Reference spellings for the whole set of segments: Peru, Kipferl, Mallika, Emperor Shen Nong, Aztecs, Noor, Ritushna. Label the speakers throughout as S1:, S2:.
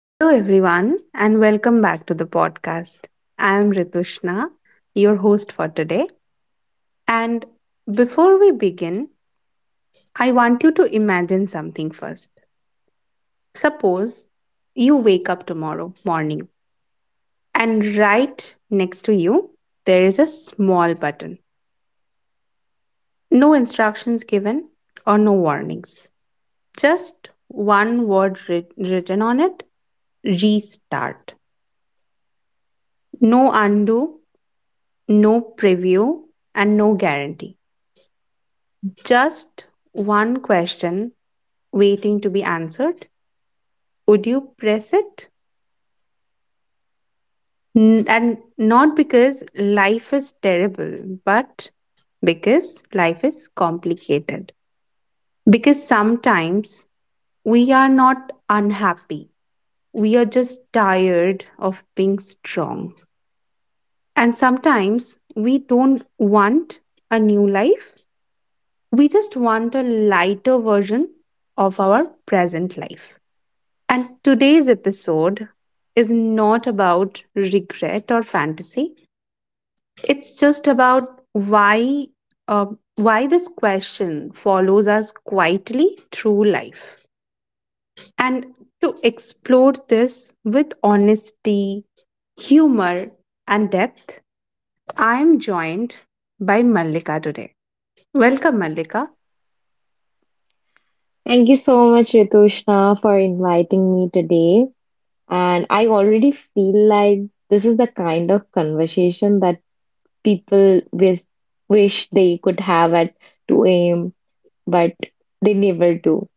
S1: Hello, everyone, and welcome back to the podcast. I am Ritushna, your host for today. And before we begin, I want you to imagine something first. Suppose you wake up tomorrow morning, and right next to you, there is a small button. No instructions given or no warnings. Just one word written on it, restart. No undo, no preview and no guarantee. Just one question waiting to be answered. Would you press it? And not because life is terrible, but because life is complicated. Because sometimes we are not unhappy, we are just tired of being strong. And sometimes we don't want a new life, we just want a lighter version of our present life. And today's episode is not about regret or fantasy. It's just about uh, why this question follows us quietly through life. And to explore this with honesty, humor, and depth, I am joined by Mallika today. Welcome, Mallika.
S2: Thank you so much, Ritushna, for inviting me today. And I already feel like this is the kind of conversation that people wish they could have at 2 a.m., but they never do.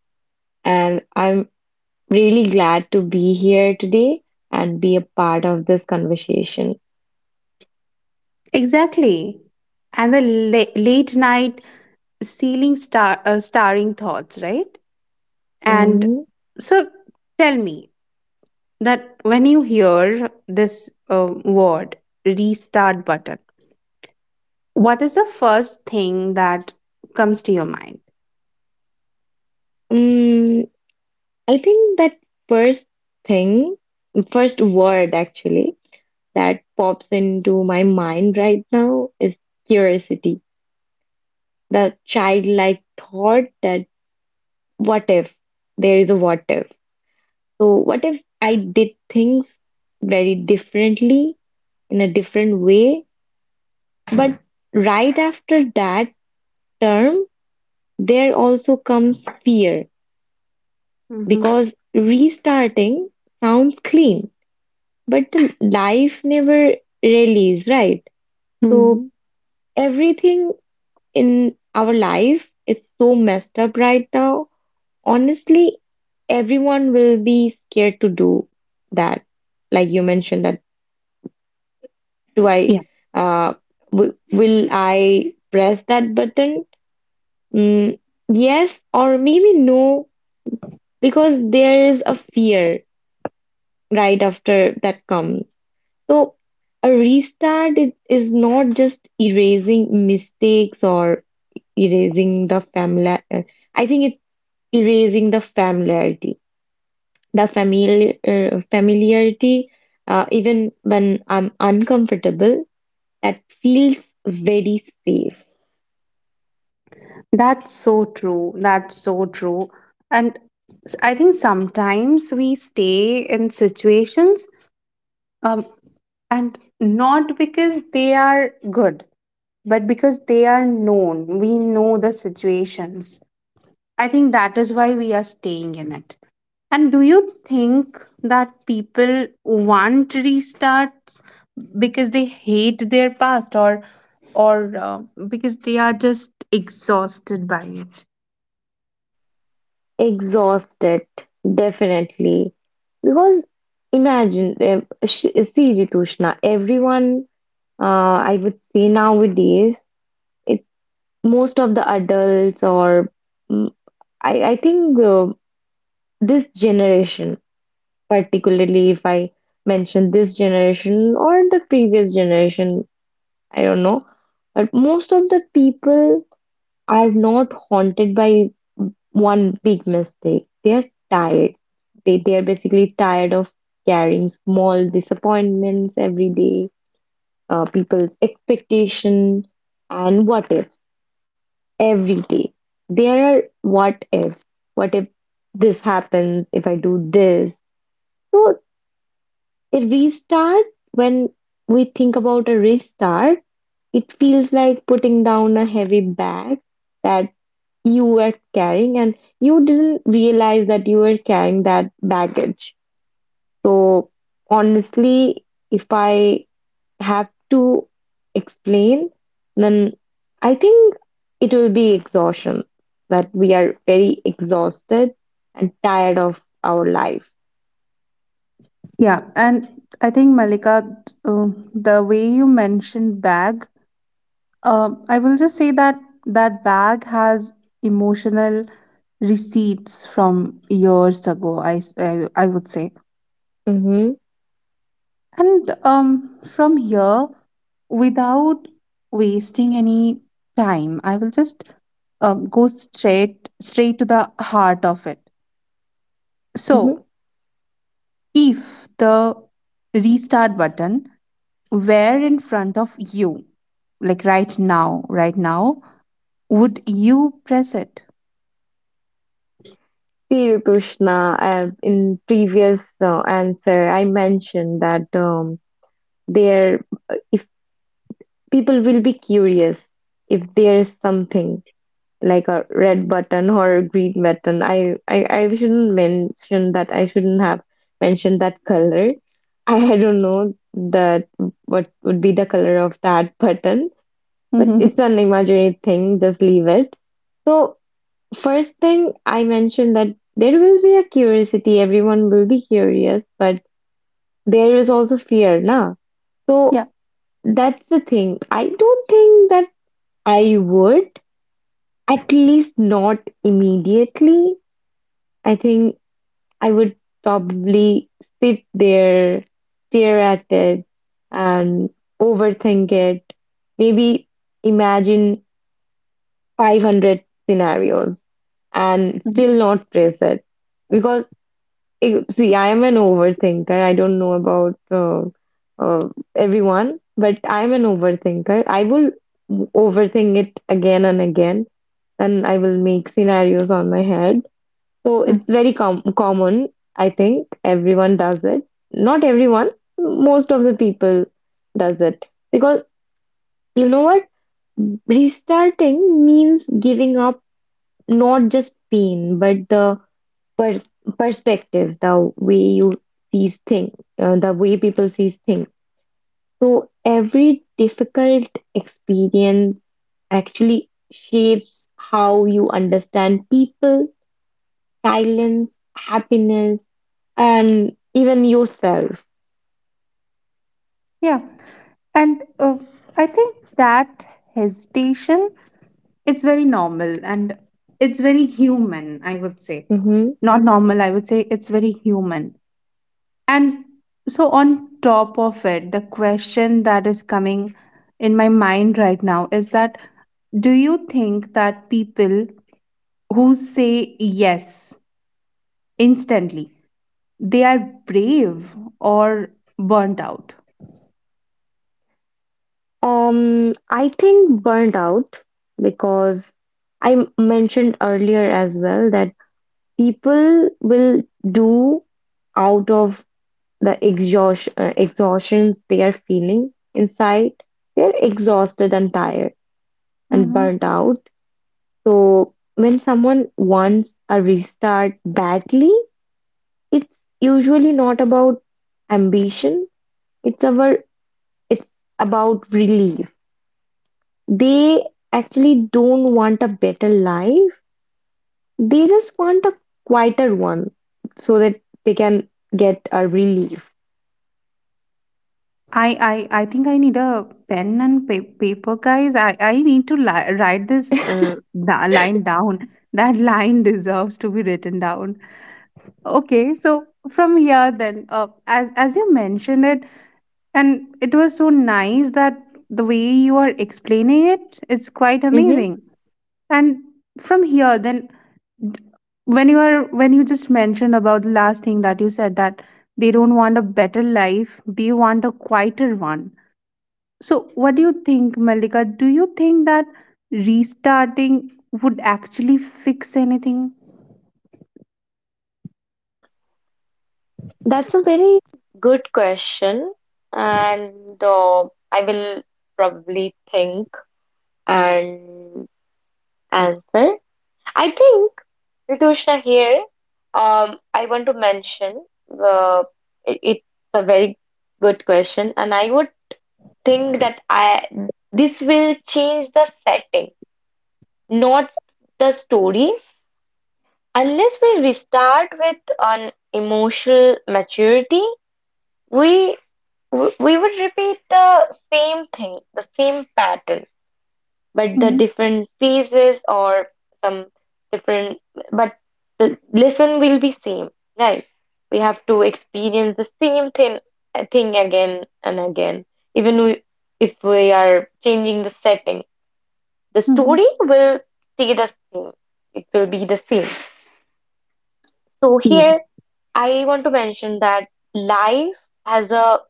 S2: And I'm
S1: Mm-hmm.
S2: really glad to be here today and be a part of this conversation.
S1: Exactly. And the late night ceiling star starring thoughts, right? And
S2: Mhm.
S1: so tell me that when you hear this word restart button, what is the first thing that comes to your mind?
S2: Mm, I think that first thing, first word actually, that pops into my mind right now is curiosity, the childlike thought that what if there is a what if? So, what if I did things very differently in a different way? But right after that term, there also comes fear
S1: Mhm.
S2: because restarting sounds clean, but the life never really is, right? So,
S1: Mhm.
S2: everything in our life is so messed up right now. Honestly, everyone will be scared to do that. Like you mentioned that do I
S1: Yeah,
S2: uh w will I press that button? Mm, yes or maybe no because there is a fear right after that comes. So a restart it is not just erasing mistakes or erasing the family. I think erasing the familiarity, the familiar er, familiarity, even when I'm uncomfortable, that feels very safe.
S1: that's so true. That's so true. And I think sometimes we stay in situations, um, and not because they are good, but because they are known. We know the situations. I think that is why we are staying in it. And do you think that people want restarts because they hate their past, or or uh, because they are just exhausted by it?
S2: Exhausted, definitely. Because imagine, eh, sh- see, Ritushna, everyone, I would say nowadays, it. Most of the adults or mm, I think this generation, particularly if I mention this generation or the previous generation, I don't know, but most of the people are not haunted by one big mistake. They're tired. They are basically tired of carrying small disappointments every day, people's expectation and what ifs every day. There are what ifs. What if this happens? If I do this? So a restart, when we think about a restart, it feels like putting down a heavy bag that you were carrying and you didn't realize that you were carrying that baggage. So honestly, if I have to explain, then I think it will be exhaustion, that we are very exhausted and tired of our life.
S1: Yeah, and I think, Malika, uh, the way you mentioned bag, I will just say that that bag has emotional receipts from years ago, I would say.
S2: Mm-hmm.
S1: And from here, without wasting any time, I will just go straight to the heart of it.
S2: Mm-hmm.
S1: So, if the restart button were in front of you, like right now, would you press it?
S2: See, Krishna, in previous answer, I mentioned that there, if people will be curious if there is something, like a red button or a green button. I shouldn't mention that. I shouldn't have mentioned that color. I don't know that what would be the color of that button, but it's an imaginary thing. Just leave it. So first thing I mentioned that there will be a curiosity. Everyone will be curious, but there is also fear, na? So
S1: Yeah.
S2: that's the thing. I don't think that I would, at least not immediately. I think I would probably sit there, stare at it, and overthink it. Maybe imagine 500 scenarios and
S1: Mhm.
S2: still not press it. Because, see, I am an overthinker. I don't know about uh, everyone, but I'm an overthinker. I will overthink it again and again, and I will make scenarios on my head. So
S1: Mm.
S2: it's very common. I think everyone does it. Not everyone, most of the people does it. Because you know what? Restarting means giving up not just pain, but the per perspective, the way you see things, the way people see things. So every difficult experience actually shapes how you understand people silence, happiness, and even yourself.
S1: Yeah. And I think that hesitation, it's very normal and it's very human, I would say.
S2: Mhm.
S1: Not normal, I would say it's very human. And so, on top of it, the question that is coming in my mind right now is, that do you think that people who say yes instantly, they are brave or burnt out?
S2: Um, I think burnt out because I mentioned earlier as well that people will do out of the exhaustions they are feeling inside. They're exhausted and tired and
S1: Hmm.
S2: burnt out. So when someone wants a restart badly, it's usually not about ambition. It's our it's about relief. They actually don't want a better life. They just want a quieter one so that they can get a relief.
S1: I i i think I need a pen and paper, guys. I need to write this line down. That line deserves to be written down. Okay, so from here then, as you mentioned it, and it was so nice that the way you are explaining it, it's quite
S2: Hmm.
S1: amazing. And from here then, d- when you are when you just mentioned about the last thing that you said, that they don't want a better life, they want a quieter one. So what do you think, Malika? Do you think that restarting would actually fix anything?
S2: That's a very good question, and I will probably think and answer. I think, Ritushna here, I want to mention uh, it's a very good question, and I would think that I this will change the setting, not the story. Unless we restart with an emotional maturity, we we would repeat the same thing, the same pattern, but the
S1: Mm-hmm.
S2: different phases or some different, but the lesson will be same, right? We have to experience the same thing again and again, even we, if we are changing the setting. The
S1: Mm-hmm.
S2: story will stay the same. It will be the same. So here
S1: Yes.
S2: I want to mention that life has a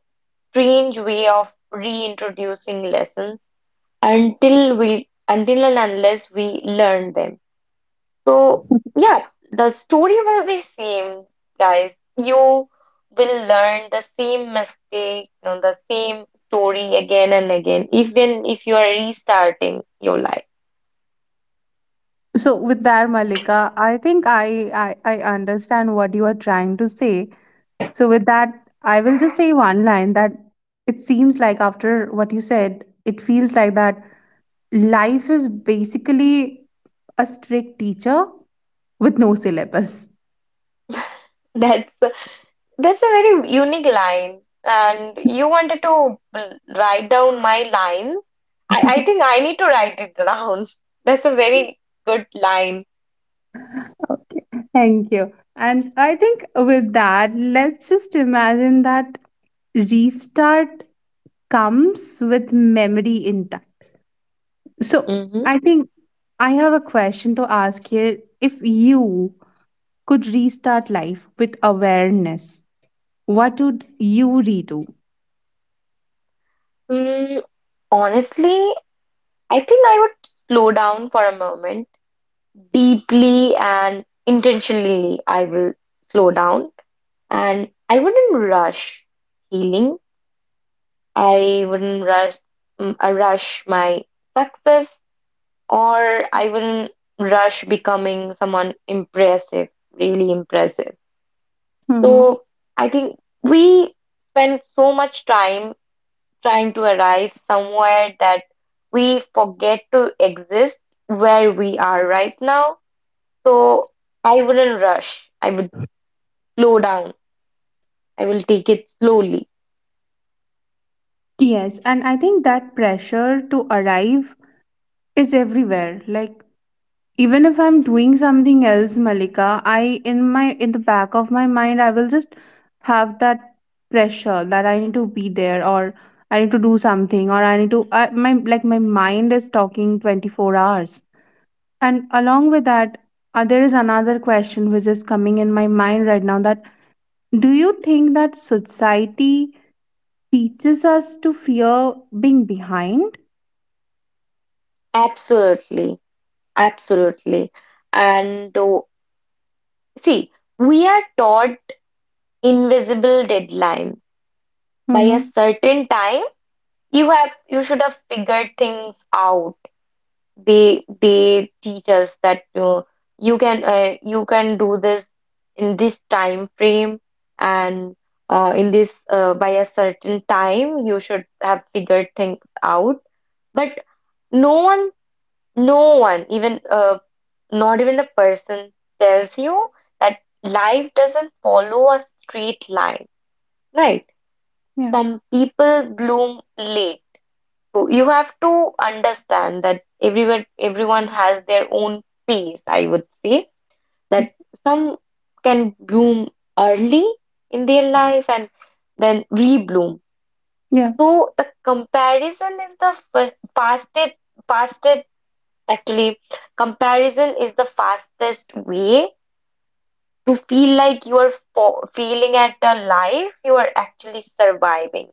S2: strange way of reintroducing lessons until and unless we learn them. So yeah, the story will be same, guys. You will learn the same mistake, the same story again and again, even if you are restarting your life.
S1: So with that, Malika, I think I understand what you are trying to say. So with that, I will just say one line, that it seems like, after what you said, it feels like that life is basically a strict teacher with no syllabus.
S2: That's That's a very unique line, and you wanted to write down my lines. I think I need to write it down. That's a very good line.
S1: Okay, thank you. And I think with that, let's just imagine that restart comes with memory intact. So
S2: Mm-hmm.
S1: I think I have a question to ask here. If you could restart life with awareness, what would you redo?
S2: Mm, honestly, I think I would slow down for a moment, deeply and intentionally. I will slow down, and I wouldn't rush healing. I wouldn't rush my success, or I wouldn't rush becoming someone impressive, really impressive.
S1: Hmm.
S2: So I think we spend so much time trying to arrive somewhere that we forget to exist where we are right now. So I wouldn't rush. I would slow down. I will take it slowly.
S1: Yes, and I think that pressure to arrive is everywhere. Like, even if I'm doing something else, Malika, I, in my in the back of my mind, I will just have that pressure that I need to be there, or I need to do something, or I need to, I, my, like, my mind is talking 24 hours. And along with that, there is another question which is coming in my mind right now, that do you think that society teaches us to fear being behind?
S2: Absolutely. Absolutely. And see, we are taught invisible deadlines. By a
S1: Mm-hmm.
S2: certain time, you should have figured things out. They teach us that you can do this in this time frame, and in this by a certain time you should have figured things out. But no one, no one, even not even a person tells you that life doesn't follow a straight line, right?
S1: Yeah.
S2: Some people bloom late. So you have to understand that everyone has their own pace, I would say, that some can bloom early in their life and then rebloom.
S1: Yeah.
S2: So the comparison is the first, fastest fastest actually comparison is the fastest way to feel like you are fo failing at a life you are actually surviving,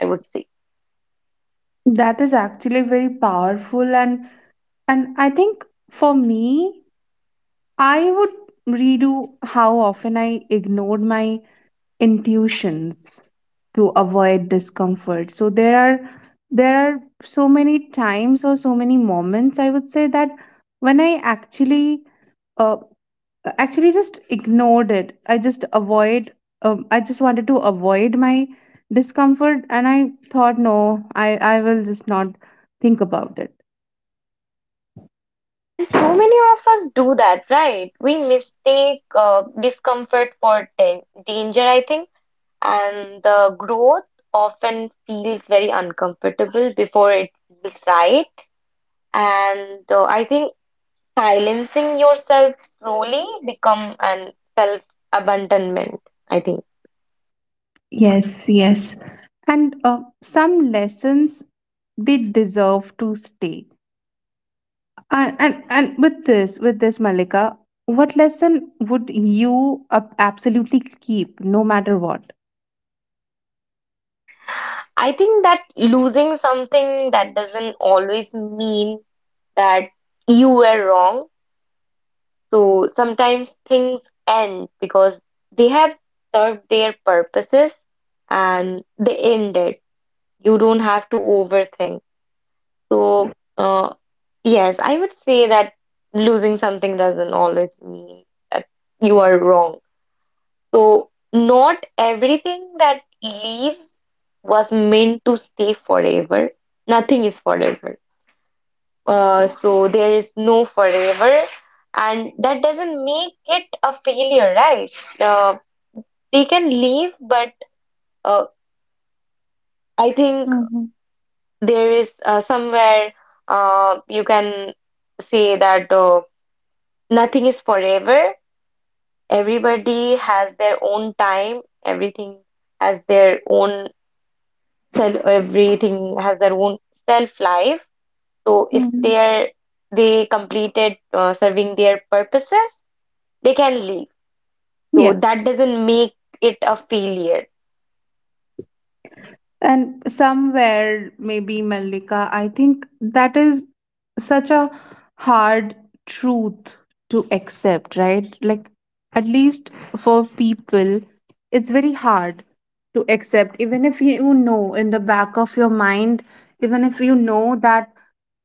S2: I would say.
S1: That is actually very powerful. And I think for me, I would redo how often I ignored my intuitions to avoid discomfort. So there are, there are so many times or so many moments, I would say, that when I actually uh, just ignored it. I just avoid, I just wanted to avoid my discomfort, and I thought, no, I will just not think about it.
S2: And so many of us do that, right? We mistake discomfort for danger, I think. And the growth often feels very uncomfortable before it feels right. And I think silencing yourself slowly become an self-abandonment, I think.
S1: Yes, yes. And some lessons, they deserve to stay. And with this, Malika, what lesson would you absolutely keep, no matter what?
S2: I think that losing something that doesn't always mean that you were wrong. So sometimes things end because they have served their purposes and they end it. You don't have to overthink. So, yes, I would say that losing something doesn't always mean that you are wrong. So, not everything that leaves was meant to stay forever. Nothing is forever. So there is no forever, and that doesn't make it a failure, right? Uh, they can leave, but uh, I think
S1: Hmm.
S2: there is somewhere you can say that nothing is forever. Everybody has their own time. Everything has their own self. Everything has their own self life. So if they
S1: Hmm.
S2: are they completed serving their purposes, they can leave. So
S1: Yeah.
S2: that doesn't make it a failure.
S1: And somewhere, maybe Mallika, I think that is such a hard truth to accept, right? Like, at least for people, it's very hard to accept. Even if you know in the back of your mind, even if you know that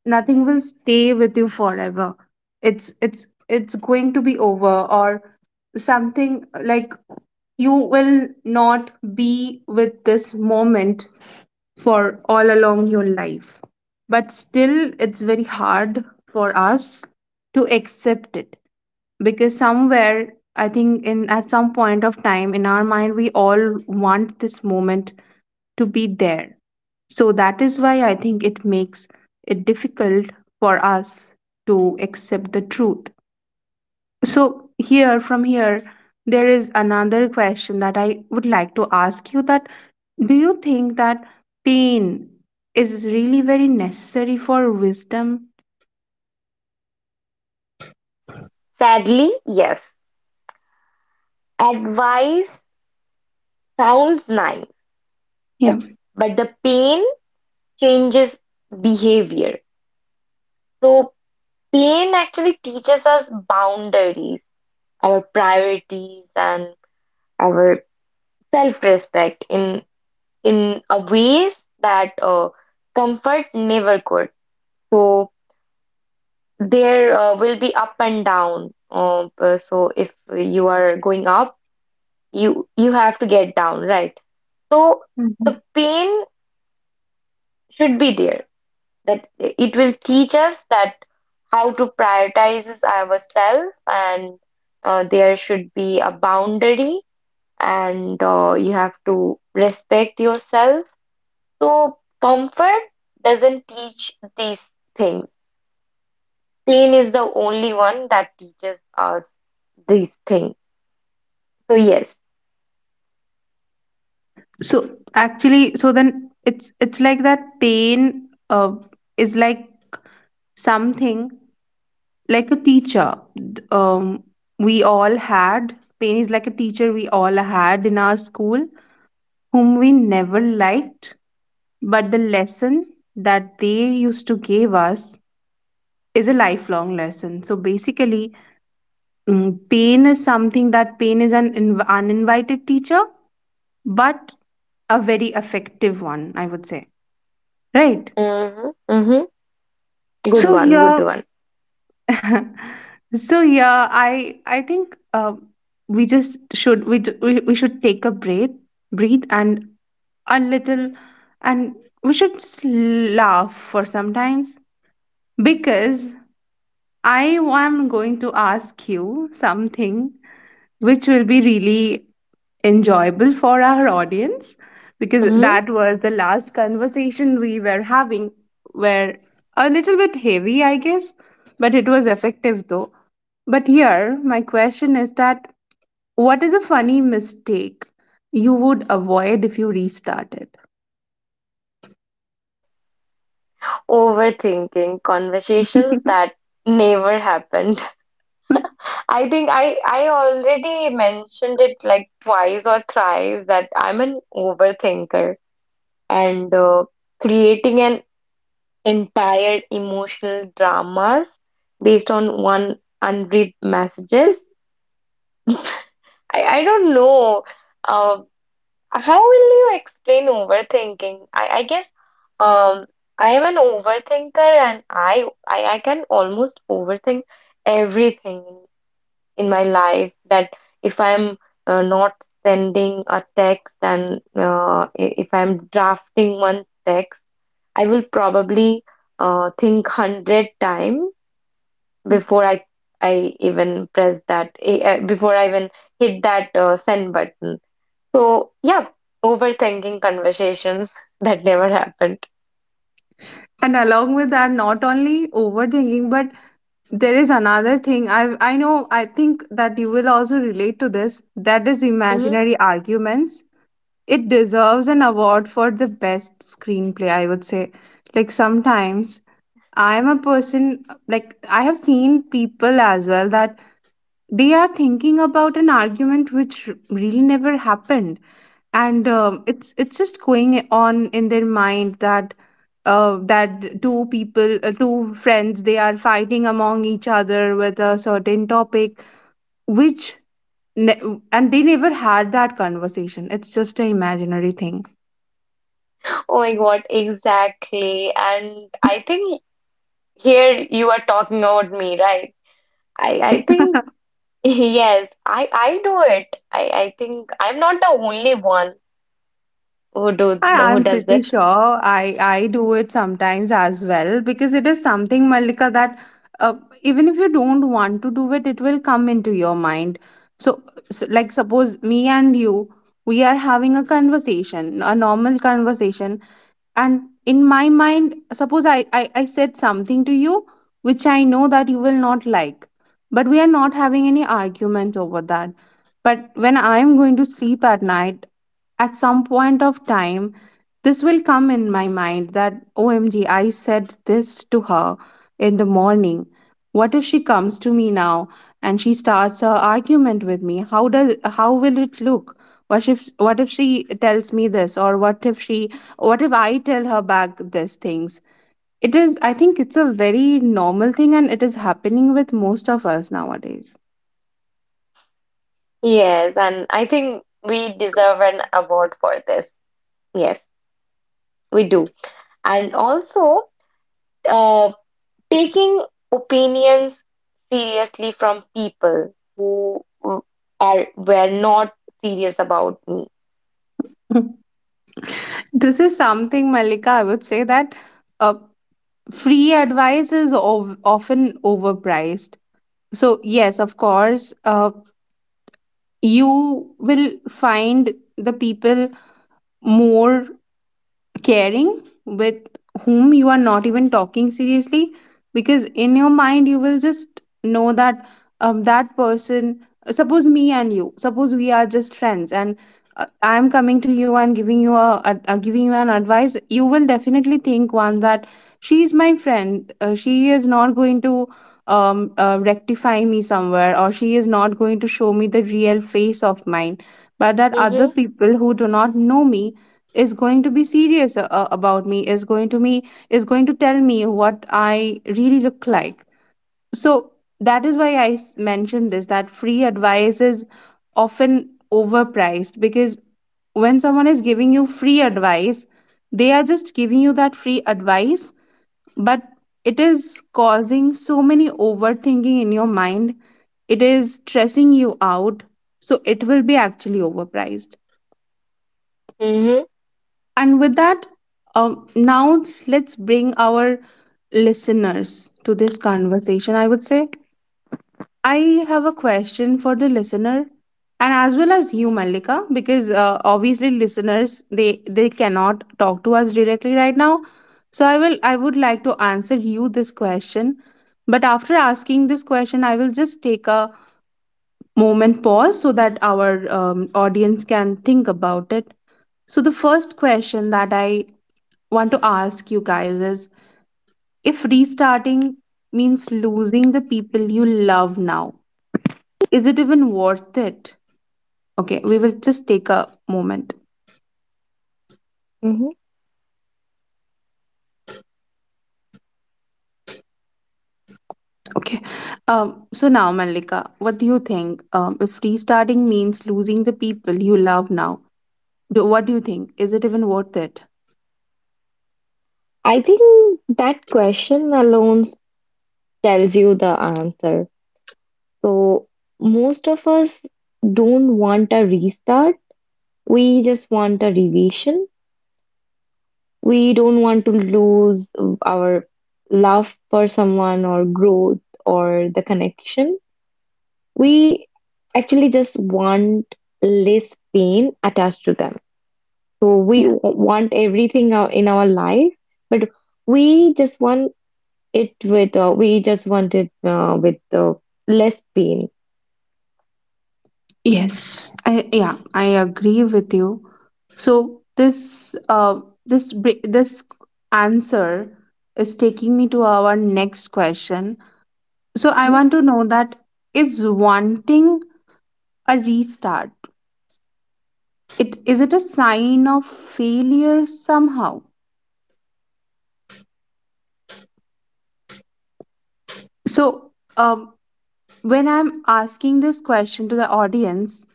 S1: nothing will stay with you forever, it's it's going to be over, or something like, you will not be with this moment for all along your life. But still, it's very hard for us to accept it, because somewhere, I think, in at some point of time in our mind, we all want this moment to be there. So that is why I think it makes it difficult for us to accept the truth. So here, from here, there is another question that I would like to ask you, that do you think that pain is really very necessary for wisdom?
S2: Sadly, yes. Advice sounds nice,
S1: Yeah.
S2: the- but the pain changes behavior. So pain actually teaches us boundaries, our priorities, and our self-respect in a ways that comfort never could. So there will be up and down. So if you are going up, you have to get down, right? So the
S1: Mhm.
S2: pain should be there, that it will teach us that how to prioritize ourselves, and there should be a boundary, and you have to respect yourself. So comfort doesn't teach these things. Pain is the only one that teaches us these things. So yes.
S1: So actually, so then it's like that pain is like something like a teacher we all had, pain is like a teacher we all had in our school whom we never liked. But the lesson that they used to give us is a lifelong lesson. So basically, mm, pain is something that, pain is an uninvited teacher, but a very effective one, I would say. Right.
S2: Mm-hmm, mm-hmm. Good
S1: So
S2: one, good
S1: here,
S2: one.
S1: so yeah, I think we just should we, ju- we should take a breath, breathe, and a little, and we should just laugh for sometimes, because I am going to ask you something which will be really enjoyable for our audience, because
S2: Mm-hmm.
S1: that was the last conversation we were having, were a little bit heavy, I guess, but it was effective though. But here, my question is, that what is a funny mistake you would avoid if you restarted?
S2: Overthinking conversations that never happened. I think I already mentioned it like twice or thrice that I'm an overthinker, and creating an entire emotional dramas based on one unread messages. I I don't know. Uh, How will you explain overthinking? I guess um I am an overthinker, and I can almost overthink everything in my life that if I'm not sending a text, and if I'm drafting one text, I will probably think 100 times
S1: And
S2: before I even press that eh, before I even hit that send button. So, yeah, overthinking conversations that never happened.
S1: along with that, not only overthinking, but there is another thing, I know, I think that you will also relate to this, that is
S2: Hmm.
S1: imaginary arguments. It deserves an award for the best screenplay, I would say. Like sometimes I am a person, like I have seen people as well, that they are thinking about an argument which really never happened, and it's just going on in their mind that that two people, two friends, they are fighting among each other with a certain topic, which ne- and they never had that conversation. It's just an imaginary thing.
S2: Oh my God, exactly. And I, think here you are talking about me, right?
S1: I,
S2: I think, Yes, I do it. I think I'm not the only one who
S1: I'm
S2: does
S1: pretty
S2: it.
S1: sure I do it sometimes as well, because it is something, Malika, that uh, even if you don't want to do it, it will come into your mind. So, s like, suppose me and you, we are having a conversation, a normal conversation, and in my mind, suppose I said something to you which I know that you will not like, but we are not having any argument over that. But when I am going to sleep at night, at some point of time, this will come in my mind, that OMG, I said this to her in the morning. What if she comes to me now and she starts her argument with me? How does, how will it look? What if, what if she tells me this, or what if she, what if I tell her back these things? It is, I think it's a very normal thing, and it is happening with most of us nowadays.
S2: Yes, and I think we deserve an award for this. Yes, we do. And also, uh. taking opinions seriously from people who w- are were not serious about me.
S1: This is something, Malika, I would say, that uh, free advice is often overpriced. So, yes, of course, you will find the people more caring with whom you are not even talking seriously, because in your mind you will just know that that person, suppose me and you, suppose we are just friends, and I am coming to you and giving you giving you an advice. You will definitely think one, that she is my friend, she is not going to rectify me somewhere, or she is not going to show me the real face of mine. But that other
S2: Mm-hmm.
S1: people who do not know me is going to be serious about me, is going to me, is going to tell me what I really look like. So that is why I mentioned this, that free advice is often overpriced, because when someone is giving you free advice, they are just giving you that free advice, but it is causing so many overthinking in your mind, it is stressing you out, so it will be actually overpriced.
S2: Mm-hmm.
S1: And with that, now let's bring our listeners to this conversation. I would say I have a question for the listener, and as well as you, Malika, because obviously listeners, they cannot talk to us directly right now. So I would like to answer you this question, but after asking this question, I will just take a moment pause so that our audience can think about it. So the first question that I want to ask you guys is, if restarting means losing the people you love now, is it even worth it? Okay, we will just take a moment.
S2: Hmm.
S1: Okay. So now, Malika, what do you think? If restarting means losing the people you love now, what do you think? Is it even worth it?
S2: I think that question alone tells you the answer. So, most of us don't want a restart. We just want a revision. We don't want to lose our love for someone or growth or the connection. We actually just want less pain attached to them. So we
S1: Yeah.
S2: w- want everything in our life, but we just want we just want it with less pain.
S1: Yes. I, yeah, I agree with you. So this answer is taking me to our next question. So I want to know that, is wanting a restart, it is, it a sign of failure somehow? So um, when I'm asking this question to the audience,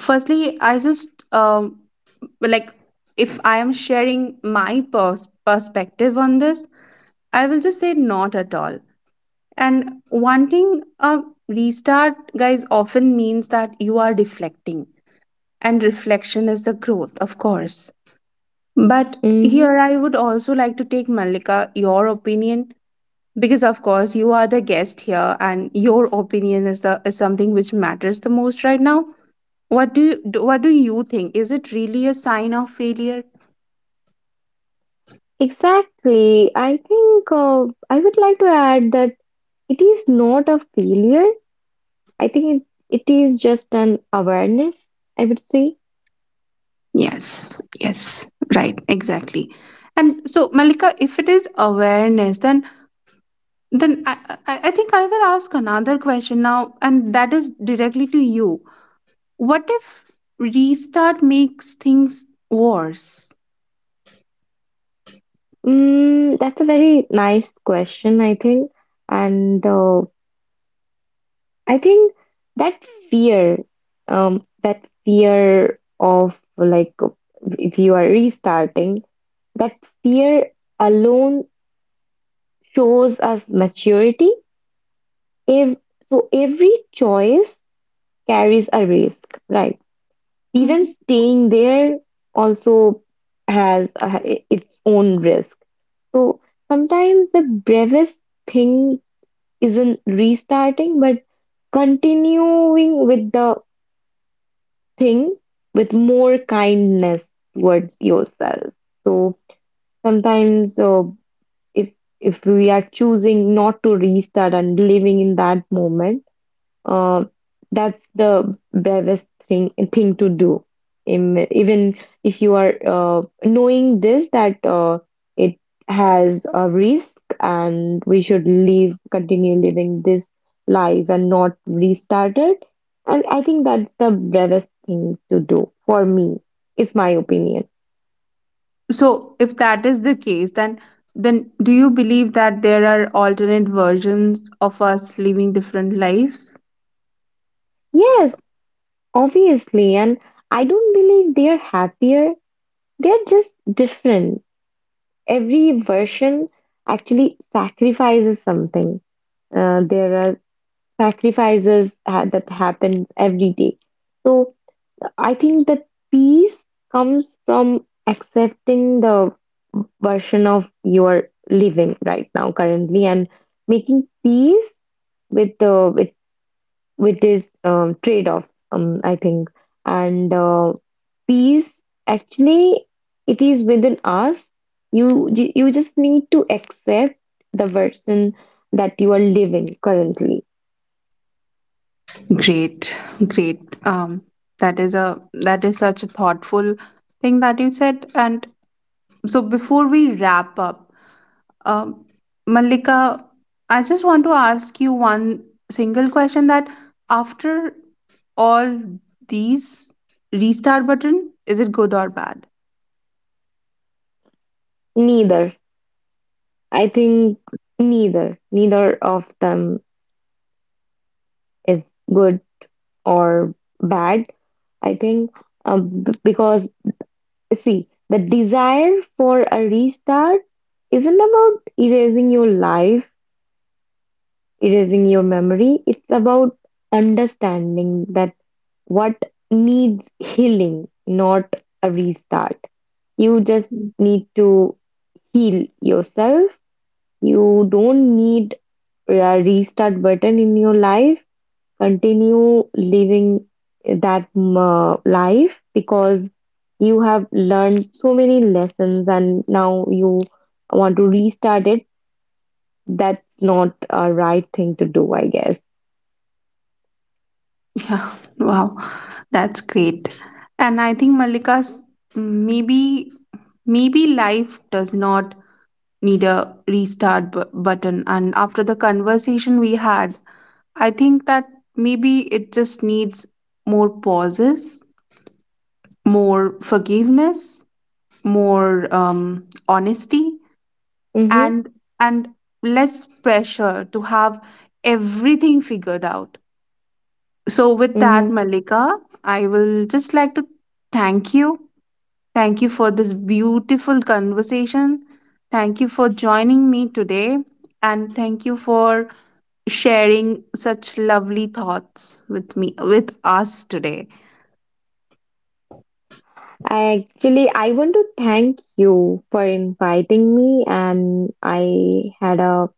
S1: firstly, I just like, if I am sharing perspective on this, I will just say not at all. And wanting a restart, guys, often means that you are reflecting, and reflection is the growth, of course. But
S2: Mm-hmm.
S1: here I would also like to take, Malika, your opinion, because of course you are the guest here and your opinion is the is something which matters the most right now. What do you think? Is it really a sign of failure?
S2: Exactly. I think I would like to add that it is not a failure. I think it is just an awareness, I would say.
S1: Yes, yes, right, exactly. And so Malika, if it is awareness, then I think I will ask another question now, and that is directly to you. What if restart makes things worse?
S2: That's a very nice question, I think. And I think that that fear of like if you are restarting, that fear alone shows us maturity. If so, every choice carries a risk, right? Even
S1: Mhm.
S2: staying there also has its own risk. So sometimes the bravest thing isn't restarting, but continuing with the thing with more kindness towards yourself. So sometimes, if we are choosing not to restart and living in that moment, uh, that's the bravest thing to do. Even if you are knowing this, that it has a risk and we should continue living this life and not restart it. And I think that's the bravest thing to do for me. It's my opinion.
S1: So, if that is the case, then do you believe that there are alternate versions of us living different lives?
S2: Yes, obviously. And I don't believe they're happier. They're just different. Every version actually sacrifices something. There are sacrifices ha that happens every day. So I think that peace comes from accepting the version of your living right now currently and making peace with the with with these trade-offs, I think. And peace, actually, it is within us. You just need to accept the version that you are living currently.
S1: Great, great. That is a, that is such a thoughtful thing that you said. And so, before we wrap up, um, Malika, I just want to ask you one single question. That after all these, restart button, is it good or bad?
S2: Neither, I think, neither of them is good or bad. I think because see, the desire for a restart isn't about erasing your life erasing your memory. It's about understanding that what needs healing, not a restart. You just
S1: Mm.
S2: need to heal yourself. You don't need a restart button in your life. Continue living that life because you have learned so many lessons and now you want to restart it. That's not a right thing to do, I guess.
S1: Yeah, wow, that's great. And I think, Malika's, maybe maybe life does not need a button. And after the conversation we had, I think that maybe it just needs more pauses, more forgiveness, more honesty,
S2: Mm-hmm.
S1: and and less pressure to have everything figured out. So with that,
S2: Mm-hmm.
S1: Malika, I will just like to thank you, thank you for this beautiful conversation, thank you for joining me today, and thank you for sharing such lovely thoughts with me, with us today.
S2: I want to thank you for inviting me, and I had a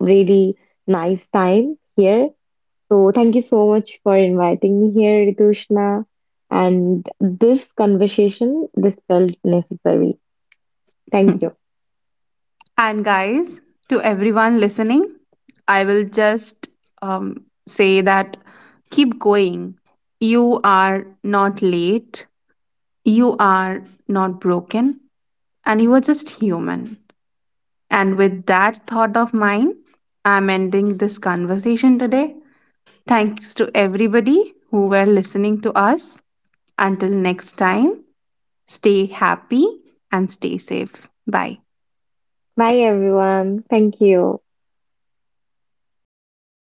S2: really nice time here. So thank you so much for inviting me here, Ritushna. And this felt necessary. Thank you.
S1: And guys, to everyone listening, I will just say that keep going. You are not late, you are not broken, and you are just human. And with that thought of mine, I'm ending this conversation today. Thanks to everybody who were listening to us. Until next time, stay happy and stay safe. Bye.
S2: Bye everyone. Thank you.